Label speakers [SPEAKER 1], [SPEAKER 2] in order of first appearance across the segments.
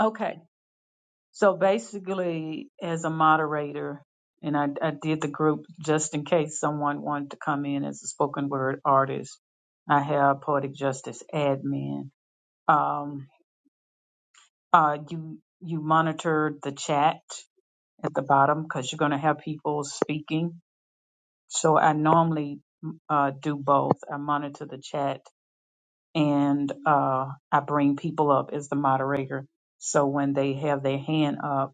[SPEAKER 1] Okay. So basically, as a moderator, and I, I did the group just in case someone wanted to come in as a spoken word artist. I have poetic justice admin. Um, uh, you you monitor the chat at the bottom because you're going to have people speaking. So I normally uh, do both. I monitor the chat and uh, I bring people up as the moderator. So when they have their hand up.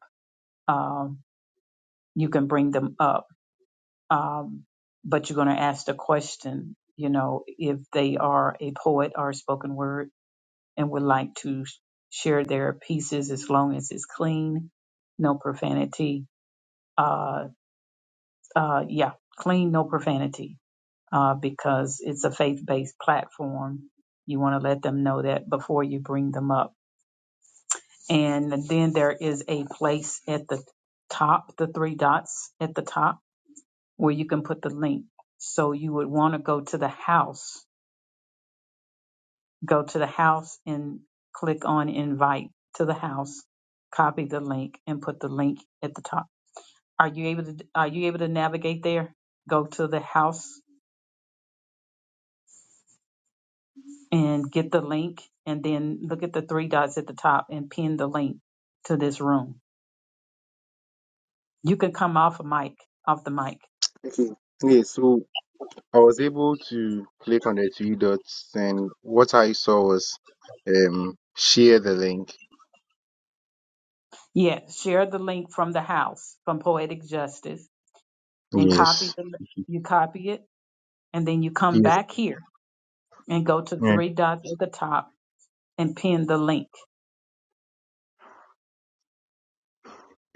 [SPEAKER 1] Um, you can bring them up. Um, but you're going to ask the question, you know, if they are a poet or spoken word and would like to sh- share their pieces as long as it's clean, no profanity. Uh, uh, yeah, clean, no profanity, uh, because it's a faith based platform. You want to let them know that before you bring them up. And then there is a place at the top, the three dots at the top where you can put the link. So you would want to go to the house, go to the house and click on invite to the house, copy the link and put the link at the top. Are you able to are you able to navigate there? Go to the house and get the link and then look at the three dots at the top and pin the link to this room. You can come off a mic, off the mic.
[SPEAKER 2] Okay. Yeah, so I was able to click on the three dots, and what I saw was um share the link.
[SPEAKER 1] Yeah, share the link from the house from Poetic Justice and copy
[SPEAKER 2] Yes.
[SPEAKER 1] the you copy it and then you come
[SPEAKER 2] Yes.
[SPEAKER 1] back here and go to
[SPEAKER 2] Yeah.
[SPEAKER 1] three dots at the top and pin the link.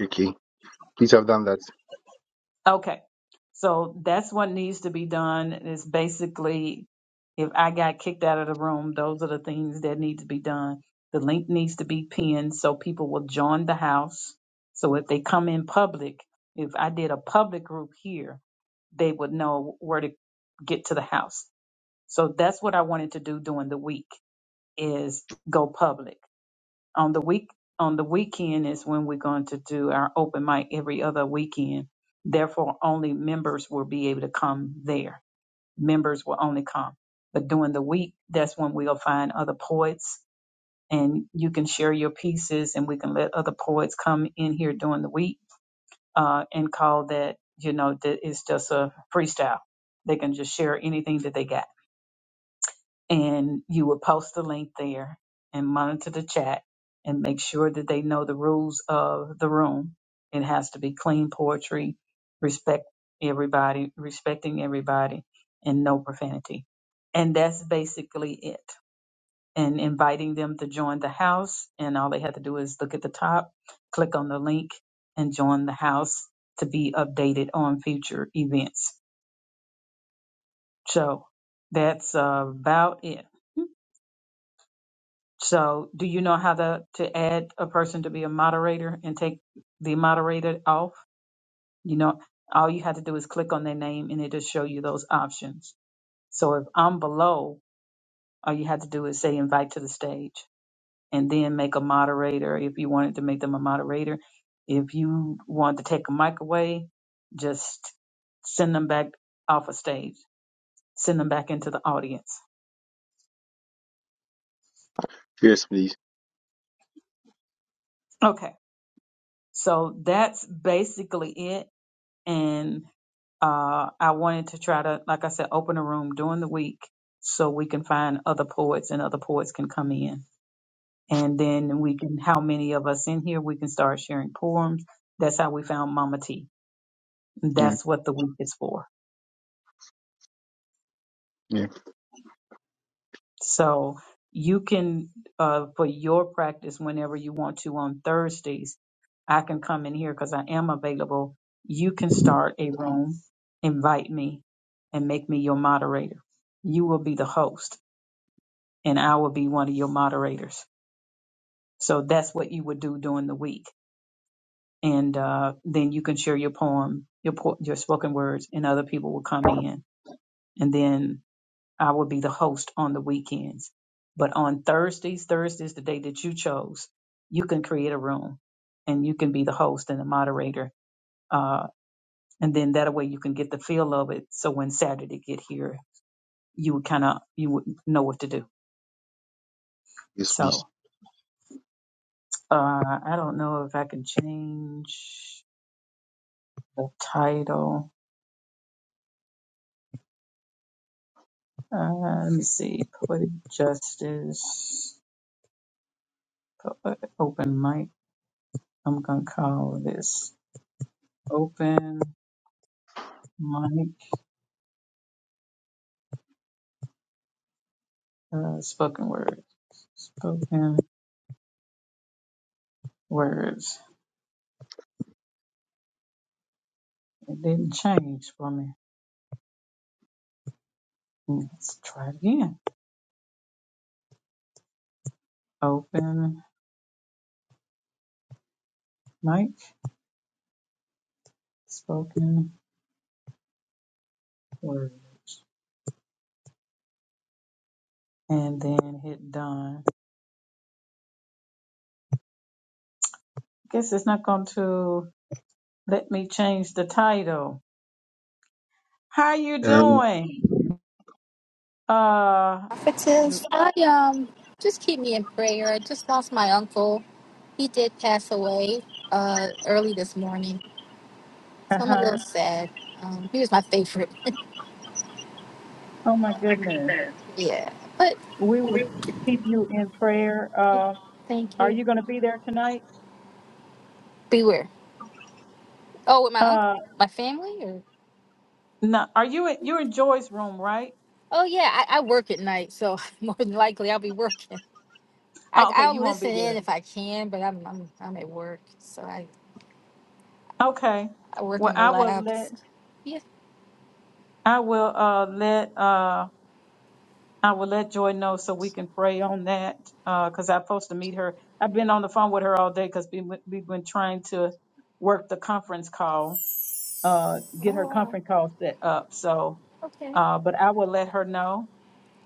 [SPEAKER 2] Okay. Please have done that.
[SPEAKER 1] Okay. So that's what needs to be done is basically if I got kicked out of the room, those are the things that need to be done. The link needs to be pinned so people will join the house. So if they come in public, if I did a public group here, they would know where to get to the house. So that's what I wanted to do during the week is go public. on the week on the weekend is when we're going to do our open mic every other weekend. Therefore, only members will be able to come there. Members will only come. But during the week, that's when we'll find other poets and you can share your pieces and we can let other poets come in here during the week uh, and call that, you know, that it's just a freestyle. They can just share anything that they got and you would post the link there and monitor the chat and make sure that they know the rules of the room. It has to be clean poetry, respect everybody, respecting everybody, and no profanity. And that's basically it. And inviting them to join the house. And all they have to do is look at the top, click on the link, and join the house to be updated on future events. So that's about it. So do you know how to, to add a person to be a moderator and take the moderator off? You know, all you have to do is click on their name and it'll show you those options. So if I'm below, all you have to do is say invite to the stage and then make a moderator if you wanted to make them a moderator. If you want to take a mic away, just send them back off a stage, send them back into the audience.
[SPEAKER 2] Yes, please.
[SPEAKER 1] Okay. So that's basically it. And uh, I wanted to try to, like I said, open a room during the week so we can find other poets and other poets can come in. And then we can, how many of us in here, we can start sharing poems. That's how we found Mama T.
[SPEAKER 2] Yeah.
[SPEAKER 1] That's what the week is for.
[SPEAKER 2] Yeah.
[SPEAKER 1] So you can, uh, for your practice, whenever you want to on Thursdays, I can come in here because I am available. You can start a room, invite me, and make me your moderator. You will be the host and I will be one of your moderators. So that's what you would do during the week. And uh, then you can share your poem, your po- your spoken words, and other people will come in. And then I will be the host on the weekends. But on Thursdays, Thursdays, the day that you chose, you can create a room, and you can be the host and the moderator. Uh, and then that way you can get the feel of it. So when Saturday get here, you would kind of you would know what to do.
[SPEAKER 2] Yes, please.
[SPEAKER 1] So uh, I don't know if I can change. the title. Uh, let me see. Poetic Justice. Poet, open mic. I'm going to call this open mic uh, spoken word. Spoken words. It didn't change for me. Let's try it again. Open mic. Spoken word. And then hit done. Guess it's not going to let me change the title. How you
[SPEAKER 2] Um.
[SPEAKER 1] doing? Uh,
[SPEAKER 3] Francis, I um just keep me in prayer. I just lost my uncle. He did pass away uh early this morning, so I'm a little sad. Um, he was my favorite.
[SPEAKER 1] Oh my
[SPEAKER 3] Oh my
[SPEAKER 1] goodness.
[SPEAKER 3] goodness. Yeah, but
[SPEAKER 1] We will keep you in prayer.
[SPEAKER 3] yeah,
[SPEAKER 1] Uh,
[SPEAKER 3] thank
[SPEAKER 1] are
[SPEAKER 3] you.
[SPEAKER 1] you going to be there tonight?
[SPEAKER 3] Beware. Oh, with my uncle,
[SPEAKER 1] Uh,
[SPEAKER 3] my family, or
[SPEAKER 1] no. Are you in, you're in Joy's room, right?
[SPEAKER 3] oh yeah, I, I work at night, so more than likely I'll be working. I,
[SPEAKER 1] Oh, okay.
[SPEAKER 3] I'll
[SPEAKER 1] You won't
[SPEAKER 3] listen
[SPEAKER 1] be
[SPEAKER 3] in
[SPEAKER 1] there.
[SPEAKER 3] if I can, but I'm I'm I'm at work, so I
[SPEAKER 1] Okay.
[SPEAKER 3] I work
[SPEAKER 1] Well,
[SPEAKER 3] in the
[SPEAKER 1] I will let
[SPEAKER 3] labs. Yeah.
[SPEAKER 1] I will uh let uh I will let Joy know so we can pray on that Uh, because I'm supposed to meet her. I've been on the phone with her all day because we, we've been trying to work the conference call, uh, get her
[SPEAKER 3] Oh, wow.
[SPEAKER 1] conference call set up. So,
[SPEAKER 3] okay.
[SPEAKER 1] uh, but I will let her know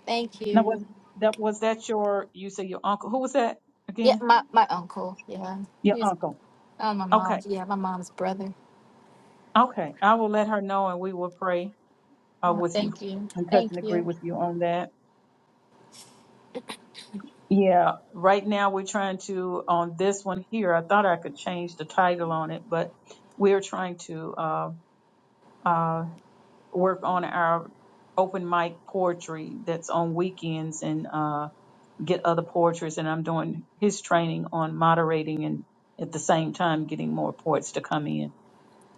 [SPEAKER 3] Thank
[SPEAKER 1] Now was
[SPEAKER 3] you.
[SPEAKER 1] that was that your you say your uncle? Who was that
[SPEAKER 3] Yeah,
[SPEAKER 1] again?
[SPEAKER 3] my, my uncle. Yeah.
[SPEAKER 1] Your
[SPEAKER 3] He's
[SPEAKER 1] uncle.
[SPEAKER 3] oh my
[SPEAKER 1] Okay.
[SPEAKER 3] mom's yeah, my mom's brother.
[SPEAKER 1] Okay. I will let her know and we will pray uh,
[SPEAKER 3] Oh,
[SPEAKER 1] with you
[SPEAKER 3] thank you.
[SPEAKER 1] and touch
[SPEAKER 3] Thank
[SPEAKER 1] and agree
[SPEAKER 3] you.
[SPEAKER 1] with you on that. Yeah. Right now we're trying to on this one here. I thought I could change the title on it, but we're trying to uh, uh, work on our open mic poetry that's on weekends and uh, get other poetries, and I'm doing his training on moderating and at the same time getting more poets to come in.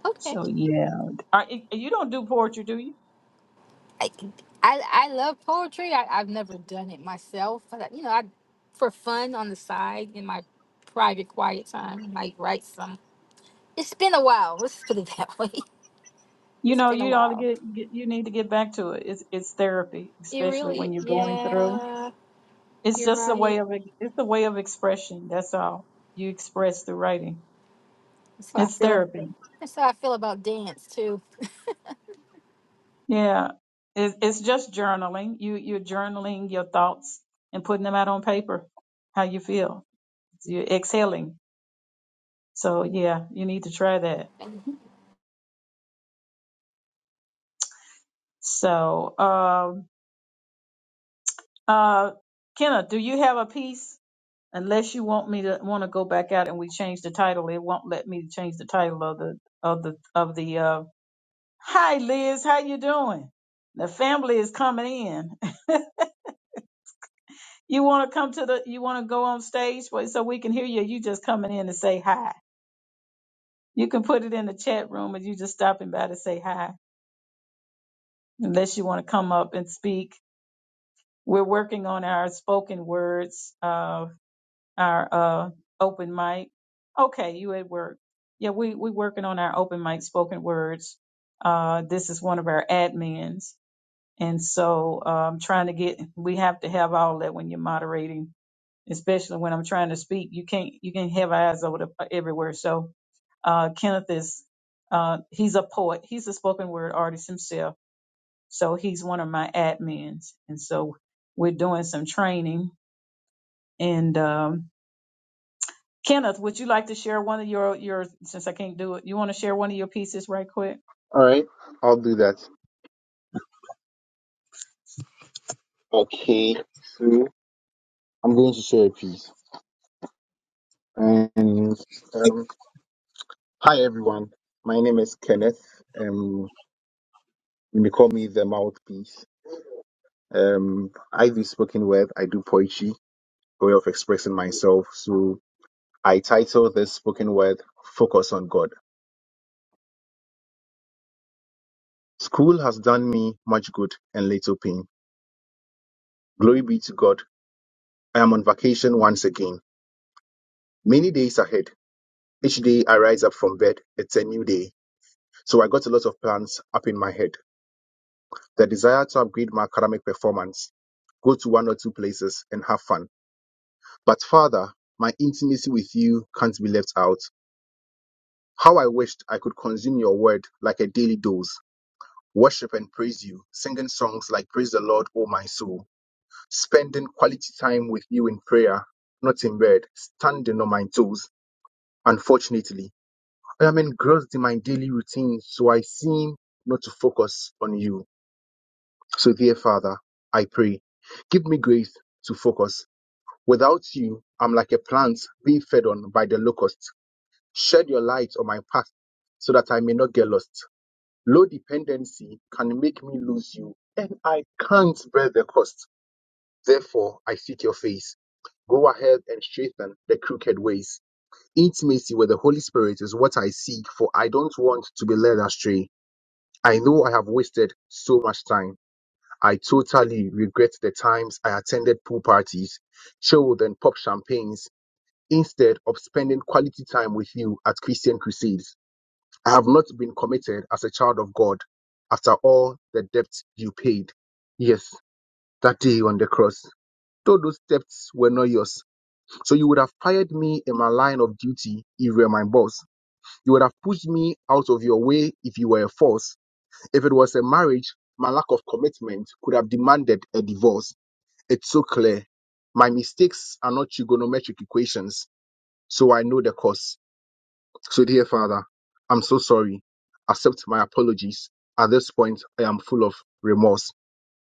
[SPEAKER 3] Okay.
[SPEAKER 1] So yeah, Are, you don't do poetry, do you?
[SPEAKER 3] I I, I love poetry. I, I've never done it myself. But I- you know, I for fun on the side in my private quiet time, like write some it's been a while. Let's put it that way.
[SPEAKER 1] You
[SPEAKER 3] It's
[SPEAKER 1] know,
[SPEAKER 3] been a
[SPEAKER 1] you ought to
[SPEAKER 3] while.
[SPEAKER 1] get, get you need to get back to it. It's it's therapy,
[SPEAKER 3] It
[SPEAKER 1] especially when
[SPEAKER 3] really
[SPEAKER 1] you're going through.
[SPEAKER 3] yeah,
[SPEAKER 1] It's
[SPEAKER 3] you're
[SPEAKER 1] just a way
[SPEAKER 3] right.
[SPEAKER 1] of it's a way of expression. That's all you express through writing.
[SPEAKER 3] That's how I
[SPEAKER 1] It's
[SPEAKER 3] feel about
[SPEAKER 1] therapy.
[SPEAKER 3] that's how I feel about dance too.
[SPEAKER 1] Yeah, it's it's just journaling. You you're journaling your thoughts and putting them out on paper. How you feel. You're exhaling So yeah, you need to try that. So um uh Kenna, do you have a piece? Unless you want me to want to go back out and we change the title, it won't let me change the title of the of the of the uh Hi Liz, how you doing? The family is coming in. You want to come to the you want to go on stage for- so we can hear you. You just coming in to say hi. You can put it in the chat room and you just stopping by to say hi. Unless you want to come up and speak We're working on our spoken words, uh, our uh, open mic. Okay, you at work? Yeah, we we working on our open mic spoken words. Uh, this is one of our admins, and so um, trying to get. We have to have all that when you're moderating, especially when I'm trying to speak. You can't you can have eyes over the, everywhere. So uh, Kenneth is uh, he's a poet. He's a spoken word artist himself. So he's one of my admins. And so we're doing some training and um, Kenneth, would you like to share one of your your since I can't do it, you want to share one of your pieces right quick?
[SPEAKER 2] All right. I'll do that. Okay. So I'm going to share a piece. And um, hi everyone. My name is Kenneth. Um, you may call me the mouthpiece. Um, I do spoken word. I do poetry way of expressing myself. So I title this spoken word Focus on God. School has done me much good and little pain. Glory be to God. I am on vacation once again. Many days ahead. Each day I rise up from bed, it's a new day. So I got a lot of plans up in my head. The desire to upgrade my academic performance, go to one or two places and have fun. But Father, my intimacy with you can't be left out. How I wished I could consume your word like a daily dose worship and praise you, singing songs like Praise the Lord, O my soul, spending quality time with you in prayer, not in bed, standing on my toes. Unfortunately, I am engrossed in my daily routine, so I seem not to focus on you. So, dear Father, I pray, give me grace to focus. Without you, I'm like a plant being fed on by the locusts. Shed your light on my path so that I may not get lost. Low dependency can make me lose you, and I can't bear the cost. Therefore, I seek your face. Go ahead and straighten the crooked ways. Intimacy with the Holy Spirit is what I seek, for I don't want to be led astray. I know I have wasted so much time. I totally regret the times I attended pool parties, chilled and popped champagnes, instead of spending quality time with you at Christian crusades. I have not been committed as a child of God after all the debts you paid. Yes, that day on the cross, though those debts were not yours. So you would have fired me in my line of duty if you were my boss. You would have pushed me out of your way if you were a force. If it was a marriage, my lack of commitment could have demanded a divorce. It's so clear. My mistakes are not trigonometric equations, so I know the cost. So, dear Father, I'm so sorry. Accept my apologies. At this point, I am full of remorse.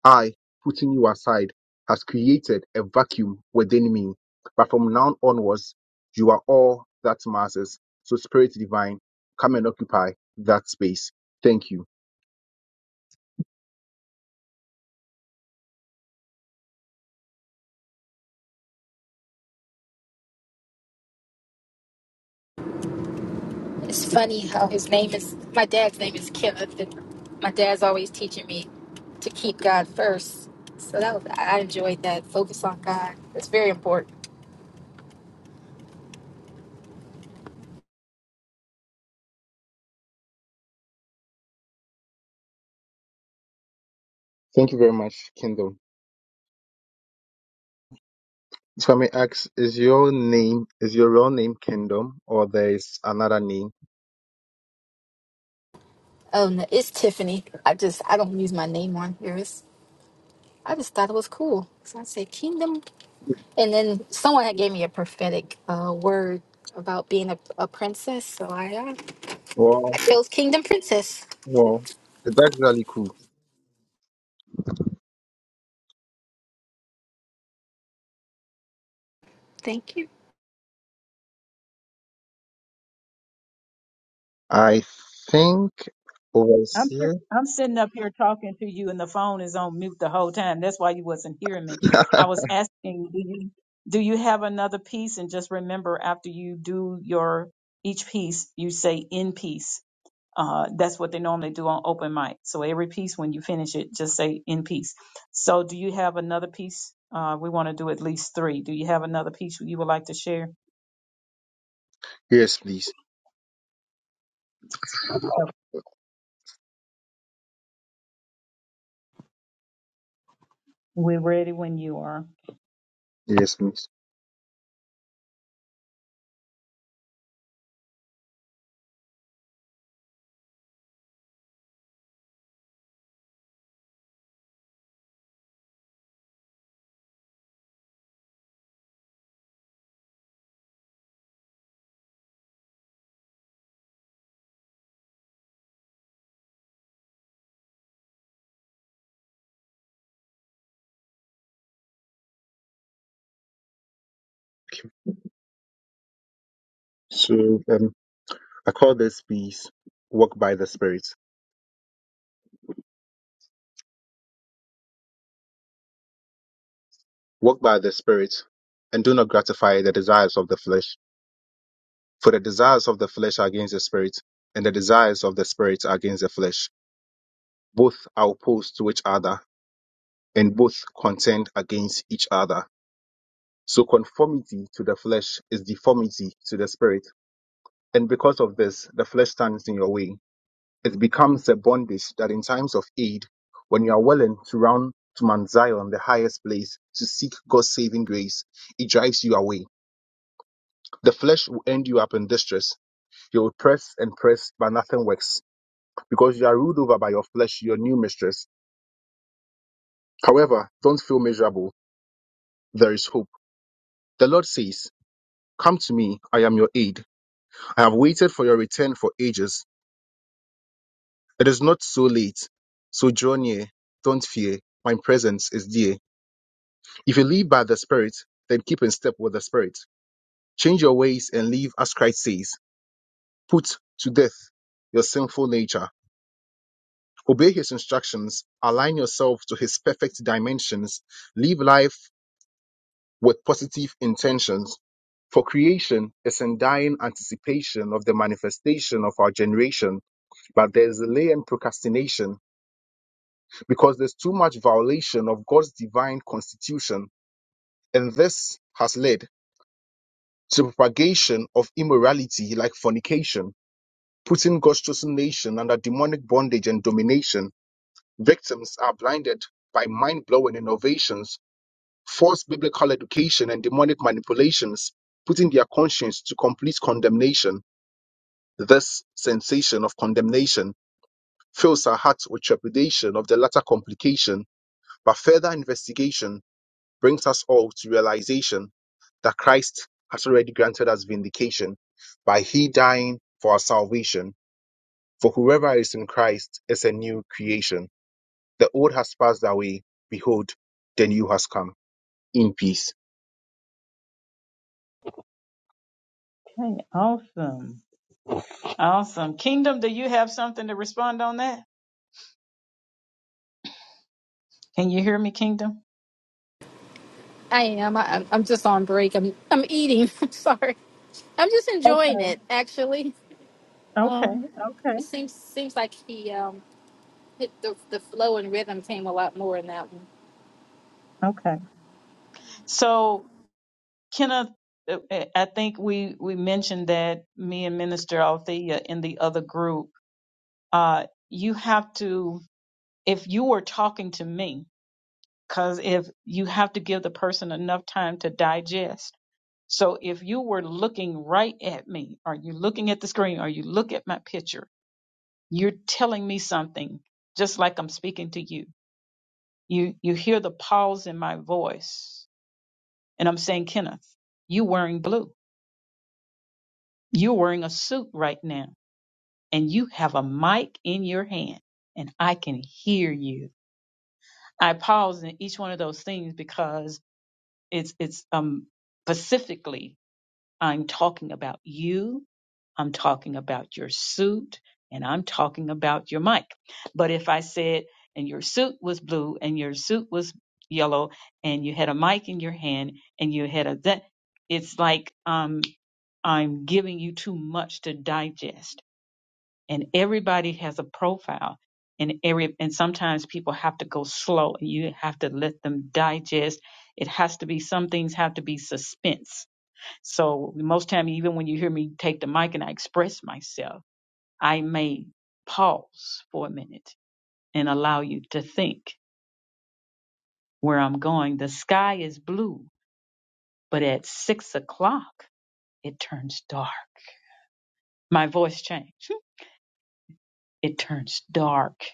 [SPEAKER 2] I, putting you aside, has created a vacuum within me. But from now onwards, you are all that matters. So, Spirit Divine, come and occupy that space. Thank you.
[SPEAKER 3] It's funny how his name is my dad's name is Kenneth, and my dad's always teaching me to keep God first. So that was I enjoyed that. Focus on God. It's very important.
[SPEAKER 2] Thank you very much, Kingdom. If I may ask, is your name is your real name Kingdom, or there is another name?
[SPEAKER 3] Oh no, it's Tiffany. I just I don't use my name on here. It's I just thought it was cool. So I said kingdom, and then someone had gave me a prophetic uh, word about being a, a princess. So I uh,
[SPEAKER 2] Well,
[SPEAKER 3] I chose kingdom princess.
[SPEAKER 2] well, it's actually cool.
[SPEAKER 3] Thank you.
[SPEAKER 2] I think
[SPEAKER 1] I'm si-
[SPEAKER 2] overseer.
[SPEAKER 1] I'm sitting up here talking to you and the phone is on mute the whole time. That's why you wasn't hearing me. I was asking, do you do you have another piece? And just remember, after you do your each piece, you say in peace. Uh, that's what they normally do on open mic. So every piece, when you finish it, just say in peace. So do you have another piece? Uh, we want to do at least three. Do you have another piece you would like to share?
[SPEAKER 2] yes, please.
[SPEAKER 1] We're ready when you are.
[SPEAKER 2] Yes, please. So um, I call this piece "Walk by the Spirit." Walk by the Spirit, and do not gratify the desires of the flesh. For the desires of the flesh are against the spirit, and the desires of the spirit are against the flesh. Both are opposed to each other, and both contend against each other. So conformity to the flesh is deformity to the spirit, and because of this, the flesh stands in your way It becomes a bondage that in times of aid, when you are willing to run to Mount Zion, the highest place, to seek God's saving grace, it drives you away. The flesh will end you up in distress. You will press and press, but nothing works because you are ruled over by your flesh, your new mistress. However, don't feel miserable. There is hope. The Lord says, Come to me, I am your aid. I have waited for your return for ages. It is not so late. So draw near, don't fear. My presence is dear. If you live by the Spirit, then keep in step with the Spirit. Change your ways and live as Christ says. Put to death your sinful nature. Obey his instructions. Align yourself to his perfect dimensions. Live life with positive intentions. For creation is in dying anticipation of the manifestation of our generation but there's delay and procrastination because there's too much violation of God's divine constitution. And this has led to propagation of immorality like fornication, putting God's chosen nation under demonic bondage and domination. Victims are blinded by mind blowing innovations, false biblical education, and demonic manipulations, putting their conscience to complete condemnation. This sensation of condemnation fills our hearts with trepidation of the latter complication, but further investigation brings us all to realization that Christ has already granted us vindication by he dying for our salvation. For whoever is in Christ is a new creation. The old has passed away. Behold, the new has come. In peace.
[SPEAKER 1] Okay, awesome. Awesome. Kingdom, do you have something to respond on that? Can you hear me, Kingdom?
[SPEAKER 3] I am. I, I'm I'm just on break. I'm I'm eating. I'm sorry. I'm just
[SPEAKER 1] Okay,
[SPEAKER 3] enjoying it. Actually,
[SPEAKER 1] okay, okay,
[SPEAKER 3] it seems seems like he um hit the the flow and rhythm came a lot more in that one.
[SPEAKER 1] okay. So, Kenneth, uh, I think we, we mentioned that me and Minister Althea in the other group, uh, you have to, if you were talking to me, because if you have to give the person enough time to digest. So if you were looking right at me, are you looking at the screen? Are you look at my picture? You're telling me something, just like I'm speaking to you. You you hear the pause in my voice, and I'm saying, Kenneth, you are wearing blue. You're wearing a suit right now, and you have a mic in your hand, and I can hear you. I pause in each one of those things because it's it's um specifically I'm talking about you. I'm talking about your suit and I'm talking about your mic. But if I said, and your suit was blue and your suit was yellow and you had a mic in your hand and you had a that, it's like um, I'm giving you too much to digest. And everybody has a profile. And every and sometimes people have to go slow and you have to let them digest. It has to be some things have to be suspense so most time, even when you hear me take the mic and I express myself, I may pause for a minute and allow you to think where I'm going. The sky is blue, but at six o'clock, it turns dark. My voice changed. It turns dark.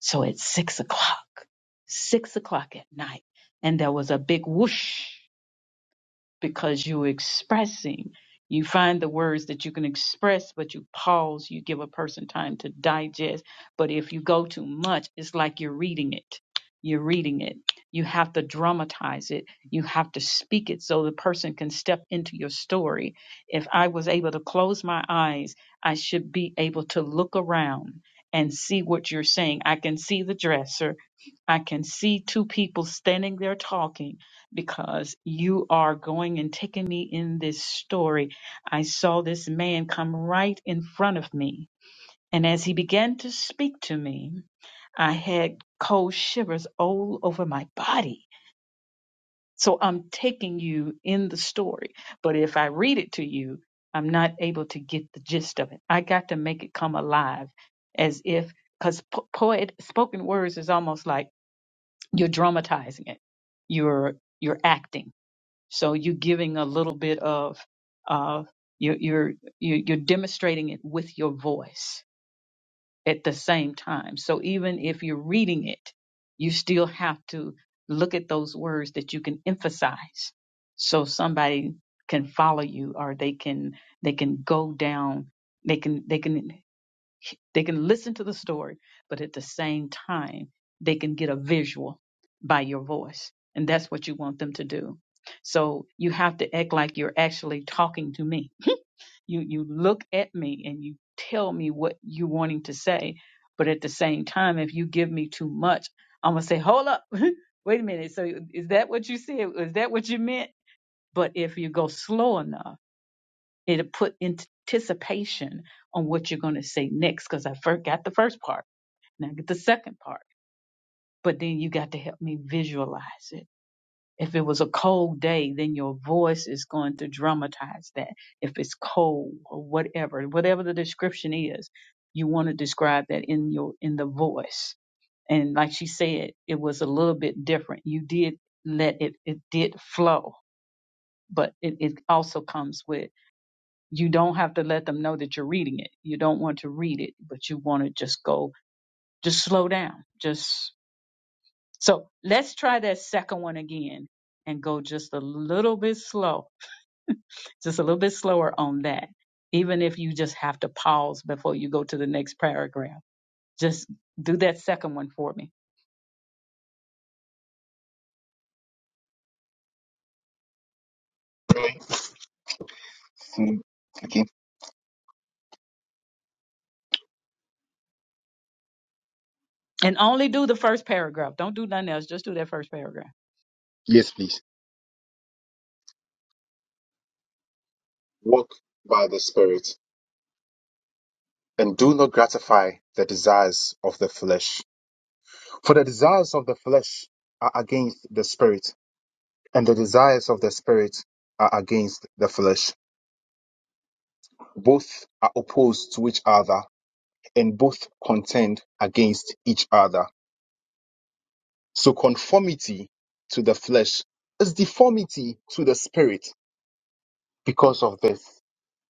[SPEAKER 1] So at six o'clock, six o'clock at night, and there was a big whoosh because you're expressing. You find the words that you can express, but you pause, you give a person time to digest. But if you go too much, it's like you're reading it. You're reading it. You have to dramatize it. You have to speak it so the person can step into your story. If I was able to close my eyes, I should be able to look around and see what you're saying. I can see the dresser. I can see two people standing there talking because you are going and taking me in this story. I saw this man come right in front of me. And as he began to speak to me, I had cold shivers all over my body. So I'm taking you in the story. But if I read it to you, I'm not able to get the gist of it. I got to make it come alive as if, because po- poet, spoken words is almost like, you're dramatizing it you're you're acting so you're giving a little bit of uh you're you're you're you're demonstrating it with your voice at the same time so even if you're reading it you still have to look at those words that you can emphasize so somebody can follow you or they can they can go down they can they can they can listen to the story, but at the same time, they can get a visual by your voice. And that's what you want them to do. So you have to act like you're actually talking to me. You you look at me and you tell me what you're wanting to say, but at the same time, if you give me too much, I'm gonna say, hold up, wait a minute. So is that what you said? Is that what you meant? But if you go slow enough, it'll put anticipation on what you're gonna say next because I forgot the first part now get the second part. But then you got to help me visualize it. If it was a cold day, then your voice is going to dramatize that. If it's cold or whatever, whatever the description is, you want to describe that in your in the voice. And like she said, it was a little bit different. You did let it it did flow, but it, it also comes with you don't have to let them know that you're reading it. You don't want to read it, but you want to just go just slow down. Just So let's try that second one again and go just a little bit slow, just a little bit slower on that. Even if you just have to pause before you go to the next paragraph, just do that second one for me.
[SPEAKER 2] Mm, Okay.
[SPEAKER 1] And only do the first paragraph. Don't do nothing else. Just do that first paragraph.
[SPEAKER 2] Yes, please. Walk by the Spirit and do not gratify the desires of the flesh. For the desires of the flesh are against the Spirit, and the desires of the Spirit are against the flesh. Both are opposed to each other and both contend against each other. So conformity to the flesh is deformity to the spirit. Because of this,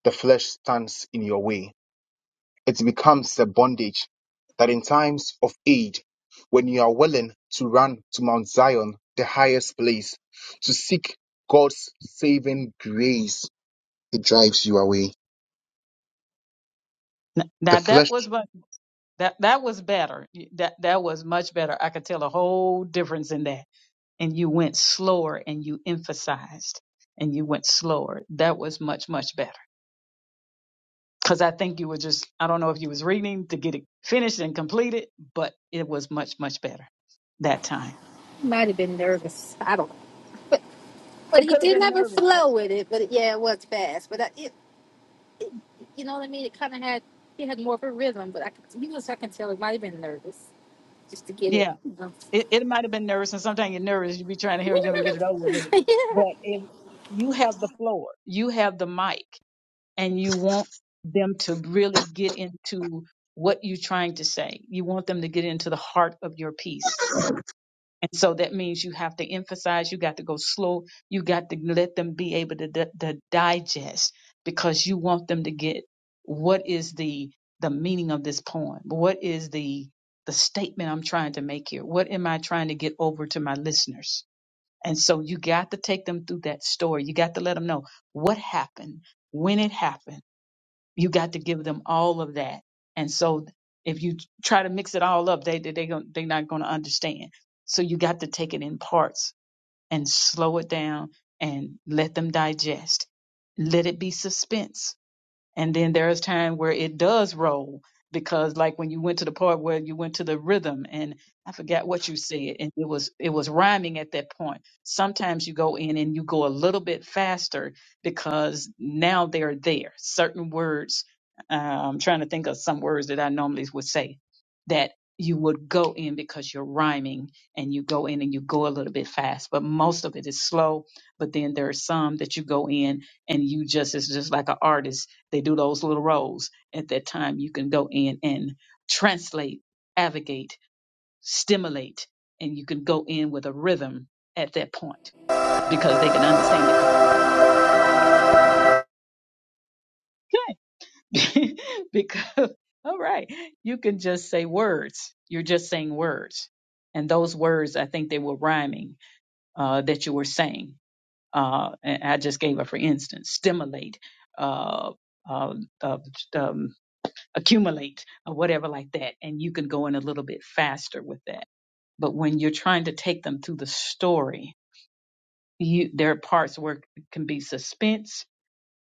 [SPEAKER 2] the flesh stands in your way. It becomes a bondage that in times of aid, when you are willing to run to Mount Zion, the highest place, to seek God's saving grace, it drives you away.
[SPEAKER 1] N-
[SPEAKER 2] The
[SPEAKER 1] Now
[SPEAKER 2] flesh,
[SPEAKER 1] that was what that that was better. Y- That that was much better. I could tell a whole difference in that. And you went slower and you emphasized and you went slower. That was much much better. because I think you were just I don't know if you was reading to get it finished and completed, but it was much much better that time.
[SPEAKER 3] might have been nervous. I don't know, but but
[SPEAKER 1] It
[SPEAKER 3] he
[SPEAKER 1] could have
[SPEAKER 3] did
[SPEAKER 1] been
[SPEAKER 3] have a
[SPEAKER 1] nervous. But
[SPEAKER 3] flow with it. But yeah, it was fast. But I, it, it you know what I mean. It kind of had he had more of a rhythm. But I could, he was I can tell he might have been nervous just to get it.
[SPEAKER 1] Yeah,
[SPEAKER 3] you know.
[SPEAKER 1] it, it might have been nervous, and sometimes you're nervous. You be trying to hurry up and get it over with,
[SPEAKER 3] yeah,
[SPEAKER 1] but if you have the floor, you have the mic, and you want them to really get into what you're trying to say. You want them to get into the heart of your piece. And so that means you have to emphasize, you got to go slow, you got to let them be able to, di- to digest because you want them to get what is the the meaning of this poem? What is the the statement I'm trying to make here? What am I trying to get over to my listeners? And so you got to take them through that story. You got to let them know what happened, when it happened you got to give them all of that. And so if you try to mix it all up, they they they gon- they not going to understand. So you got to take it in parts and slow it down and let them digest. Let it be suspense and then there's time where it does roll because like when you went to the part where you went to the rhythm and I forgot what you said and it was it was rhyming at that point. Sometimes you go in and you go a little bit faster because now they're there. Certain words uh, I'm trying to think of some words that I normally would say that you would go in because you're rhyming and you go in and you go a little bit fast, but most of it is slow. But then there are some that you go in and you just, it's just like an artist they do those little roles. At that time, you can go in and translate, advocate, stimulate, and you can go in with a rhythm at that point because they can understand. Because okay. because all right, you can just say words. You're just saying words, and those words, I think they were rhyming uh, that you were saying. Uh, and I just gave a for instance, stimulate. Uh, uh, uh, um, accumulate or whatever like that. And you can go in a little bit faster with that. But when you're trying to take them through the story, you, there are parts where it can be suspense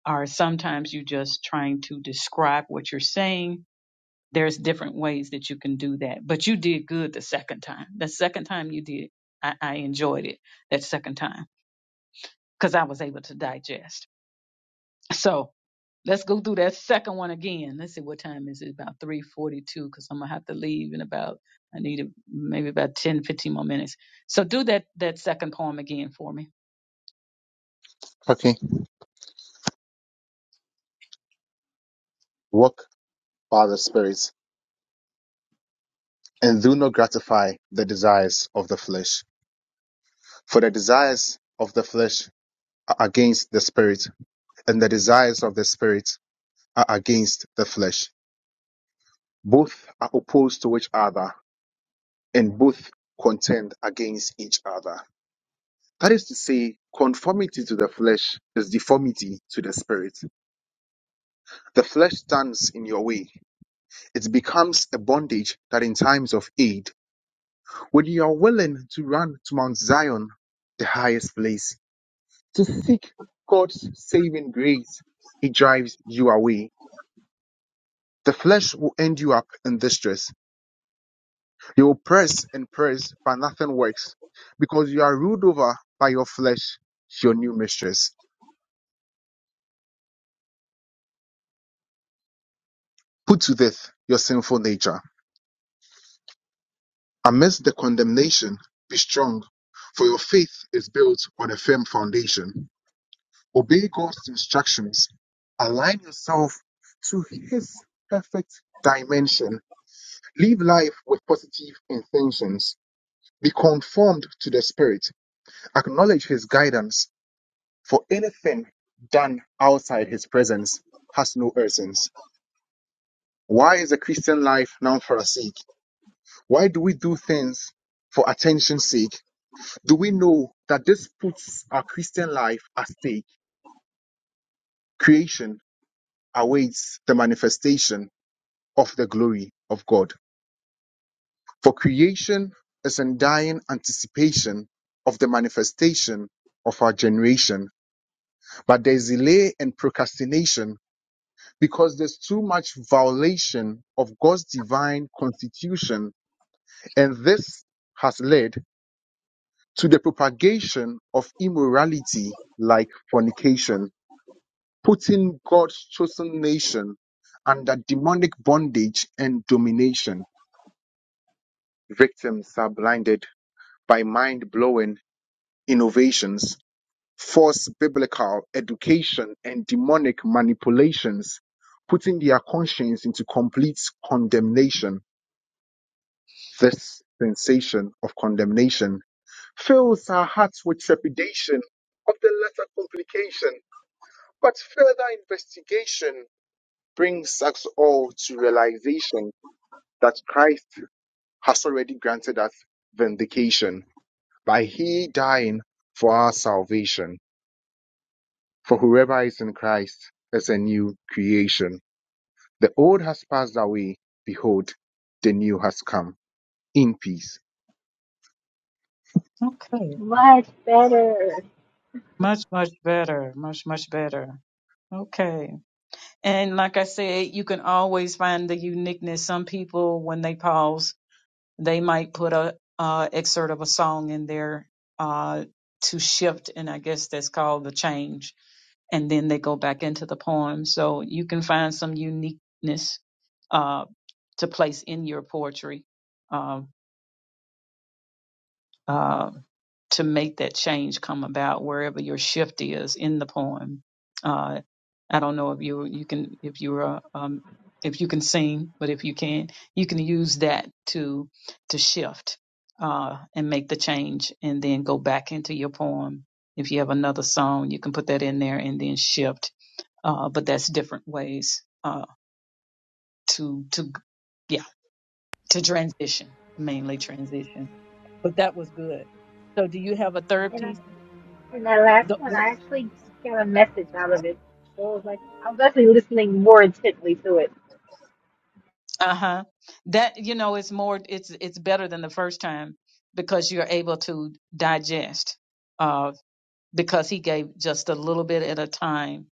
[SPEAKER 1] or sometimes you're just trying to describe what you're saying. There's different ways that you can do that. But you did good the second time. The second time you did, I, I enjoyed it that second time because I was able to digest. So Let's go through that second one again. Let's see what time is it? About 3:42 cuz I'm going to have to leave in about I need a, maybe about 10, 15 more minutes. So do that that second poem again for me.
[SPEAKER 2] okay, walk by the spirit. and do not gratify the desires of the flesh. For the desires of the flesh are against the spirit, and the desires of the spirit are against the flesh. Both are opposed to each other, and both contend against each other. That is to say, conformity to the flesh is deformity to the spirit. The flesh stands in your way. It becomes a bondage that in times of aid, when you are willing to run to Mount Zion, the highest place To seek God's saving grace, it drives you away. The flesh will end you up in distress. You will press and press, but nothing works because you are ruled over by your flesh, your new mistress. Put to death your sinful nature. Amidst the condemnation, be strong, for your faith is built on a firm foundation. Obey God's instructions. Align yourself to His perfect dimension Live life with positive intentions. Be conformed to the Spirit. Acknowledge His guidance, for anything done outside His presence has no essence. Why is the Christian life now pharisaic? Why do we do things for attention's sake? Do we know that this puts our Christian life at stake? Creation awaits the manifestation of the glory of God. For creation is in dying anticipation of the manifestation of our generation. But there's delay and procrastination because there's too much violation of God's divine constitution. And this has led to the propagation of immorality like fornication, putting God's chosen nation under demonic bondage and domination. Victims are blinded by mind blowing innovations false biblical education and demonic manipulations, putting their conscience into complete condemnation. This sensation of condemnation fills our hearts with trepidation of the latter complication, but further investigation brings us all to realization that Christ has already granted us vindication by He dying for our salvation. For whoever is in Christ is a new creation. The old has passed away. Behold, the new has come. In peace.
[SPEAKER 1] Okay.
[SPEAKER 3] Much better.
[SPEAKER 1] Much, much better. Much, much better. Okay. And like I said, you can always find the uniqueness. Some people, when they pause, They might put a uh, excerpt of a song in there uh, to shift, and I guess that's called the change. And then they go back into the poem, so you can find some uniqueness uh, to place in your poetry. Um, um, to make that change come about wherever your shift is in the poem. Uh, I don't know if you you can if you're a, um, if you can sing, but if you can, you can use that to to shift uh, and make the change, and then go back into your poem. If you have another song, you can put that in there and then shift. Uh, but that's different ways uh, to to yeah to transition, mainly transition. But that was good. So do you have a third piece?
[SPEAKER 3] And that last
[SPEAKER 1] The-
[SPEAKER 3] one, I actually got a message out of it. So it was like, I was actually listening more intently to it.
[SPEAKER 1] Uh-huh. That you know, it's more it's it's better than the first time because you're able to digest. Uh because he gave just a little bit at a time.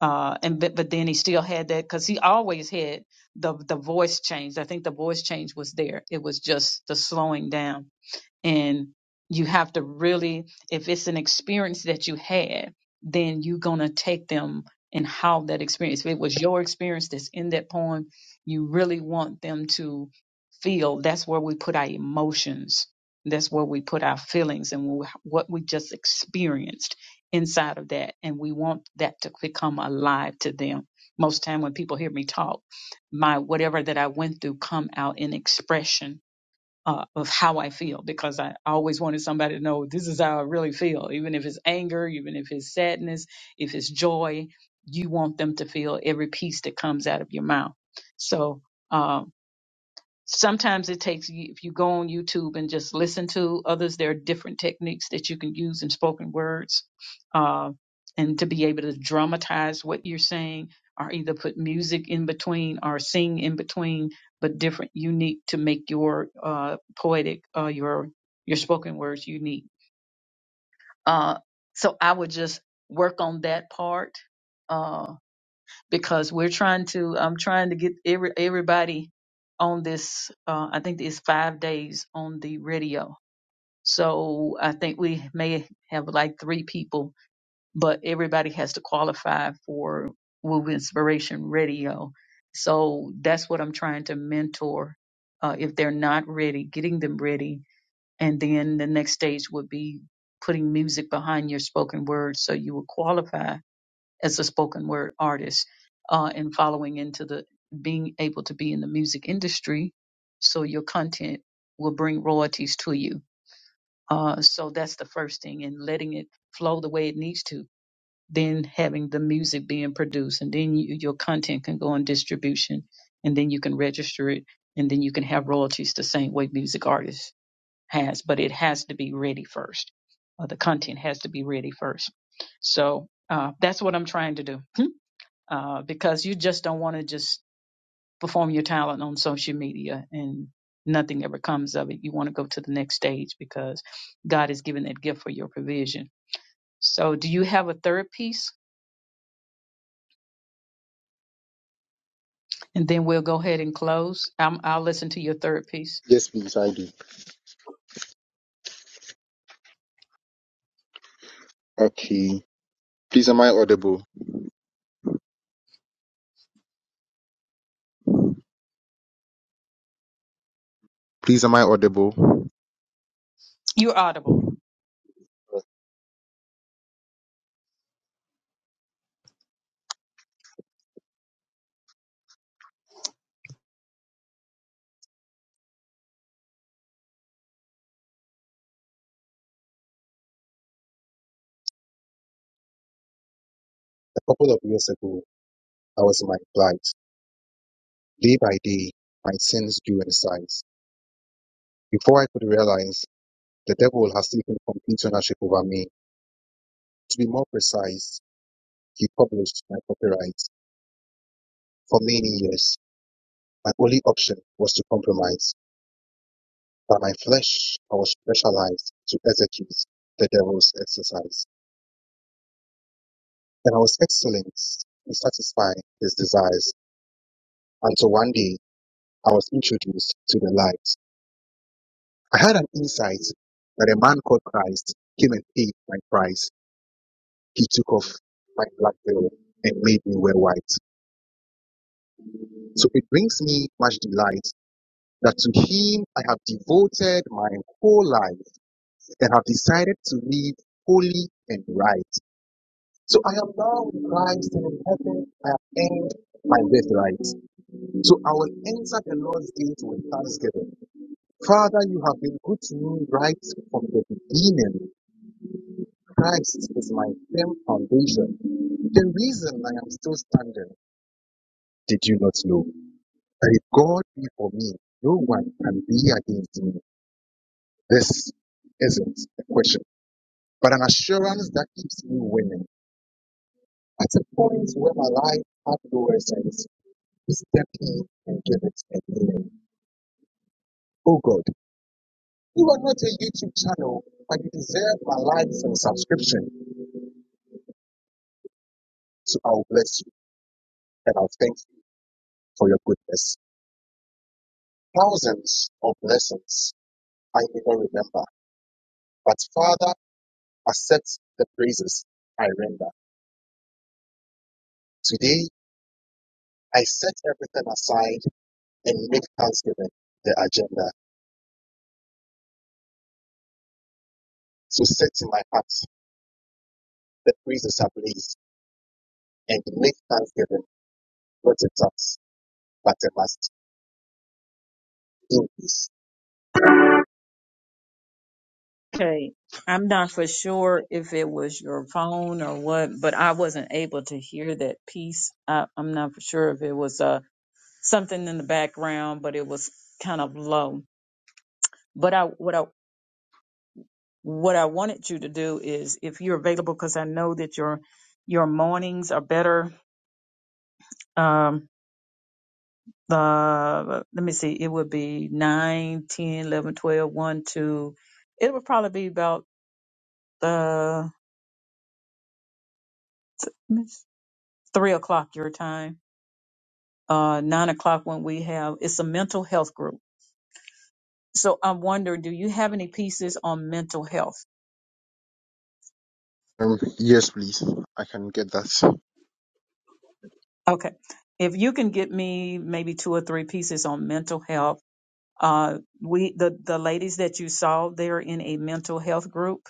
[SPEAKER 1] Uh and but, but then he still had that cuz he always had the the voice change. I think the voice change was there. It was just the slowing down And you have to really, if it's an experience that you had, then you're going to take them and how that experience, if it was your experience that's in that poem, you really want them to feel that's where we put our emotions. That's where we put our feelings and wh- what we just experienced inside of that. And we want that to become alive to them. Most time when people hear me talk, my whatever that I went through come out in expression uh, of how I feel because I always wanted somebody to know this is how I really feel, even if it's anger, even if it's sadness, if it's joy, you want them to feel every piece that comes out of your mouth. So. um, sometimes it takes if you go on youtube and just listen to others there are different techniques that you can use in spoken words uh, and to be able to dramatize what you're saying or either put music in between or sing in between but different unique to make your uh, poetic uh, your your spoken words unique uh, so i would just work on that part Uh, because we're trying to I'm trying to get every everybody on this uh I think it's 5 days on the radio. So I think we may have like 3 people but everybody has to qualify for Woo Inspiration Radio. So that's what I'm trying to mentor uh if they're not ready, getting them ready and then the next stage would be putting music behind your spoken word so you will qualify as a spoken word artist uh, and following into the being able to be in the music industry so your content will bring royalties to you uh, so that's the first thing and letting it flow the way it needs to then having the music being produced and then you, your content can go on distribution and then you can register it and then you can have royalties the same way music artists has but it has to be ready first uh, the content has to be ready first so uh, that's what i'm trying to do uh, because you just don't want to just perform your talent on social media and nothing ever comes of it. You want to go to the next stage because God has given that gift for your provision. So, do you have a third piece? And then we'll go ahead and close. I'm, I'll listen to your third piece.
[SPEAKER 2] Yes, please, I do. Okay. Please, am I audible? Please, am I audible?
[SPEAKER 1] You're audible.
[SPEAKER 2] A couple of years ago, I was in my plight. Day by day, my sins grew in size. Before I could realize, the devil has taken complete ownership over me. To be more precise, he published my copyright. For many years, my only option was to compromise. By my flesh I was specialized to execute the devil's exercise, and I was excellent in satisfying his desires until one day I was introduced to the light. I had an insight that a man called Christ came and paid my price. He took off my black veil and made me wear white. So it brings me much delight that to him I have devoted my whole life and have decided to live holy and right. So I am now with Christ and in heaven I have earned my birthright. So I will enter the Lord's gate with thanksgiving. Father, you have been good to me right from the beginning. Christ is my firm foundation. The reason I am still standing, did you not know? That if God be for me, no one can be against me. This isn't a question, but an assurance that keeps me winning. At a point where my life had no essence. is definitely and give it a name. Oh God, you are not a YouTube channel, but you deserve my likes and subscription. So I will bless you and I'll thank you for your goodness. Thousands of blessings I never remember, but Father, accept the praises I render. Today, I set everything aside and make thanksgiving the agenda. So set in my heart the praises ablaze and make thanksgiving not a task, but a must. In peace.
[SPEAKER 1] Okay, I'm not for sure if it was your phone or what, but I wasn't able to hear that piece. I, I'm not for sure if it was a something in the background, but it was kind of low. But I what I what I wanted you to do is if you're available, because I know that your your mornings are better. Um, uh, let me see, it would be nine, ten, eleven, twelve, one, 2. It would probably be about uh, th- three o'clock your time, uh, nine o'clock when we have it's a mental health group. So I'm wondering, do you have any pieces on mental health?
[SPEAKER 2] Um, yes, please. I can get that.
[SPEAKER 1] Okay. If you can get me maybe two or three pieces on mental health, uh, we the the ladies that you saw they're in a mental health group,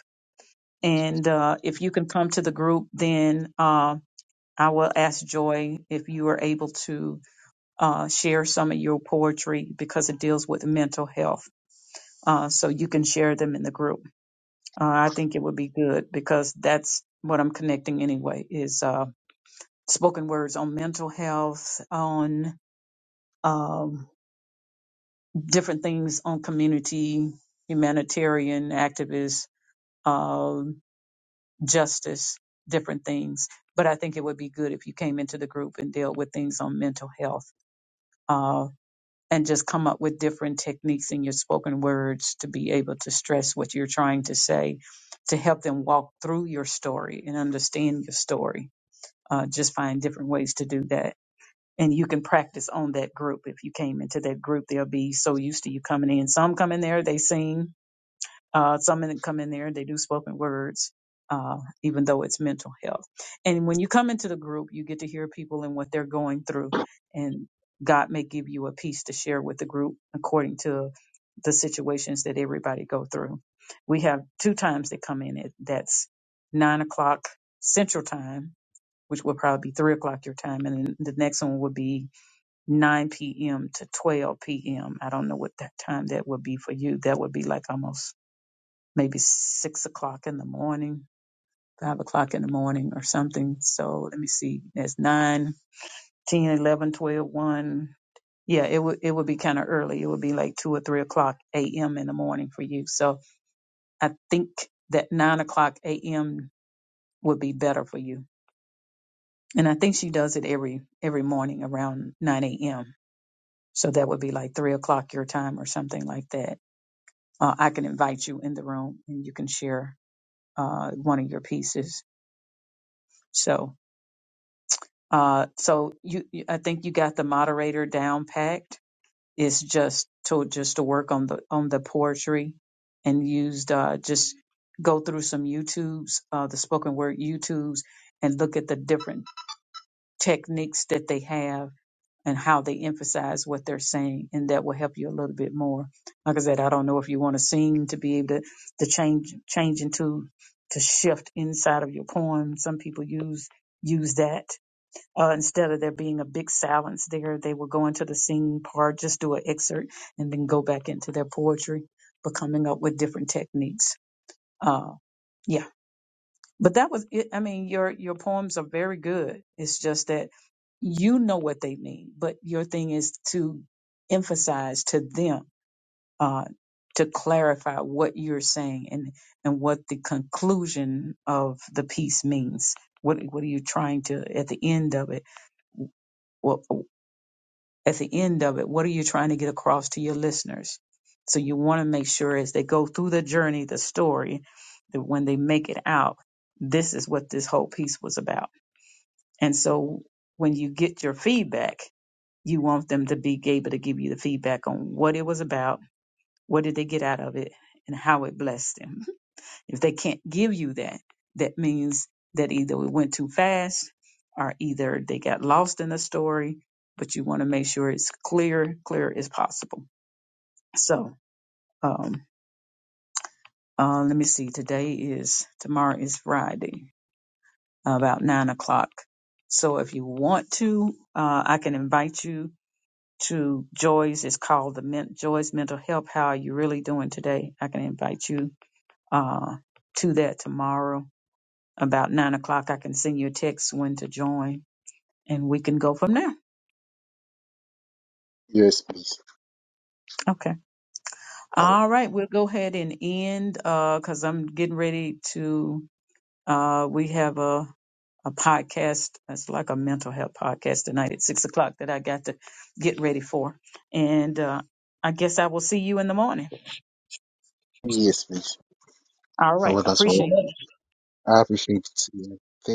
[SPEAKER 1] and uh, if you can come to the group, then uh, I will ask Joy if you are able to uh, share some of your poetry because it deals with mental health. Uh, so you can share them in the group. Uh, I think it would be good because that's what I'm connecting anyway is uh, spoken words on mental health on. Um, different things on community, humanitarian activists, um, justice, different things. But I think it would be good if you came into the group and dealt with things on mental health uh, and just come up with different techniques in your spoken words to be able to stress what you're trying to say to help them walk through your story and understand your story. Uh, just find different ways to do that and you can practice on that group. If you came into that group, they'll be so used to you coming in. Some come in there, they sing, Uh, some in, come in there and they do spoken words, uh, even though it's mental health. And when you come into the group, you get to hear people and what they're going through. And God may give you a piece to share with the group according to the situations that everybody go through. We have two times they come in. It that's nine o'clock Central Time, which will probably be three o'clock your time, and then the next one would be 9 p.m. to 12 p.m. I don't know what that time that would be for you. That would be like almost maybe six o'clock in the morning, five o'clock in the morning or something. So let me see, That's nine, ten, eleven, twelve, one. Yeah, it would it would be kind of early. It would be like two or three o'clock a.m. in the morning for you. So I think that nine o'clock a.m. would be better for you. And I think she does it every every morning around nine a.m. So that would be like three o'clock your time or something like that. Uh, I can invite you in the room and you can share uh, one of your pieces. So Uh, so you, you- I think you got the moderator down packed. It's just to just to work on the on the poetry and used uh, just go through some YouTubes, uh, the spoken word YouTubes, and look at the different techniques that they have and how they emphasize what they're saying, and that will help you a little bit more. Like I said, I don't know if you want to sing to be able to to change change into to shift inside of your poem. Some people use use that uh, instead of there being a big silence there, they will go into the singing part, just do an excerpt, and then go back into their poetry, but coming up with different techniques. Uh, yeah, but that was it. I mean, your your poems are very good. It's just that you know what they mean, but your thing is to emphasize to them uh, to clarify what you're saying and and what the conclusion of the piece means. What what are you trying to at the end of it? at the end of it, what are you trying to get across to your listeners? So you want to make sure as they go through the journey, the story, that when they make it out, this is what this whole piece was about. And so when you get your feedback, you want them to be able to give you the feedback on what it was about, what did they get out of it, and how it blessed them. If they can't give you that, that means that either it went too fast or either they got lost in the story, but you want to make sure it's clear, clear as possible. So, um, uh, let me see. Today is, tomorrow is Friday, about nine o'clock. So if you want to, uh, I can invite you to Joy's. It's called the Men- Joy's Mental Health. How are you really doing today? I can invite you, uh, to that tomorrow about nine o'clock. I can send you a text when to join and we can go from there.
[SPEAKER 2] Yes, please.
[SPEAKER 1] Okay.
[SPEAKER 2] Thank-
[SPEAKER 1] All right. We'll go ahead and end because I'm getting ready to. Uh, we have a, a podcast. It's like a mental health podcast tonight at six o'clock that I got to get ready for. And uh, I guess I will see you in the morning.
[SPEAKER 2] Yes, please.
[SPEAKER 1] All
[SPEAKER 2] Uh,
[SPEAKER 1] right.
[SPEAKER 2] Well, that's
[SPEAKER 1] Appreciate
[SPEAKER 2] all. I appreciate it.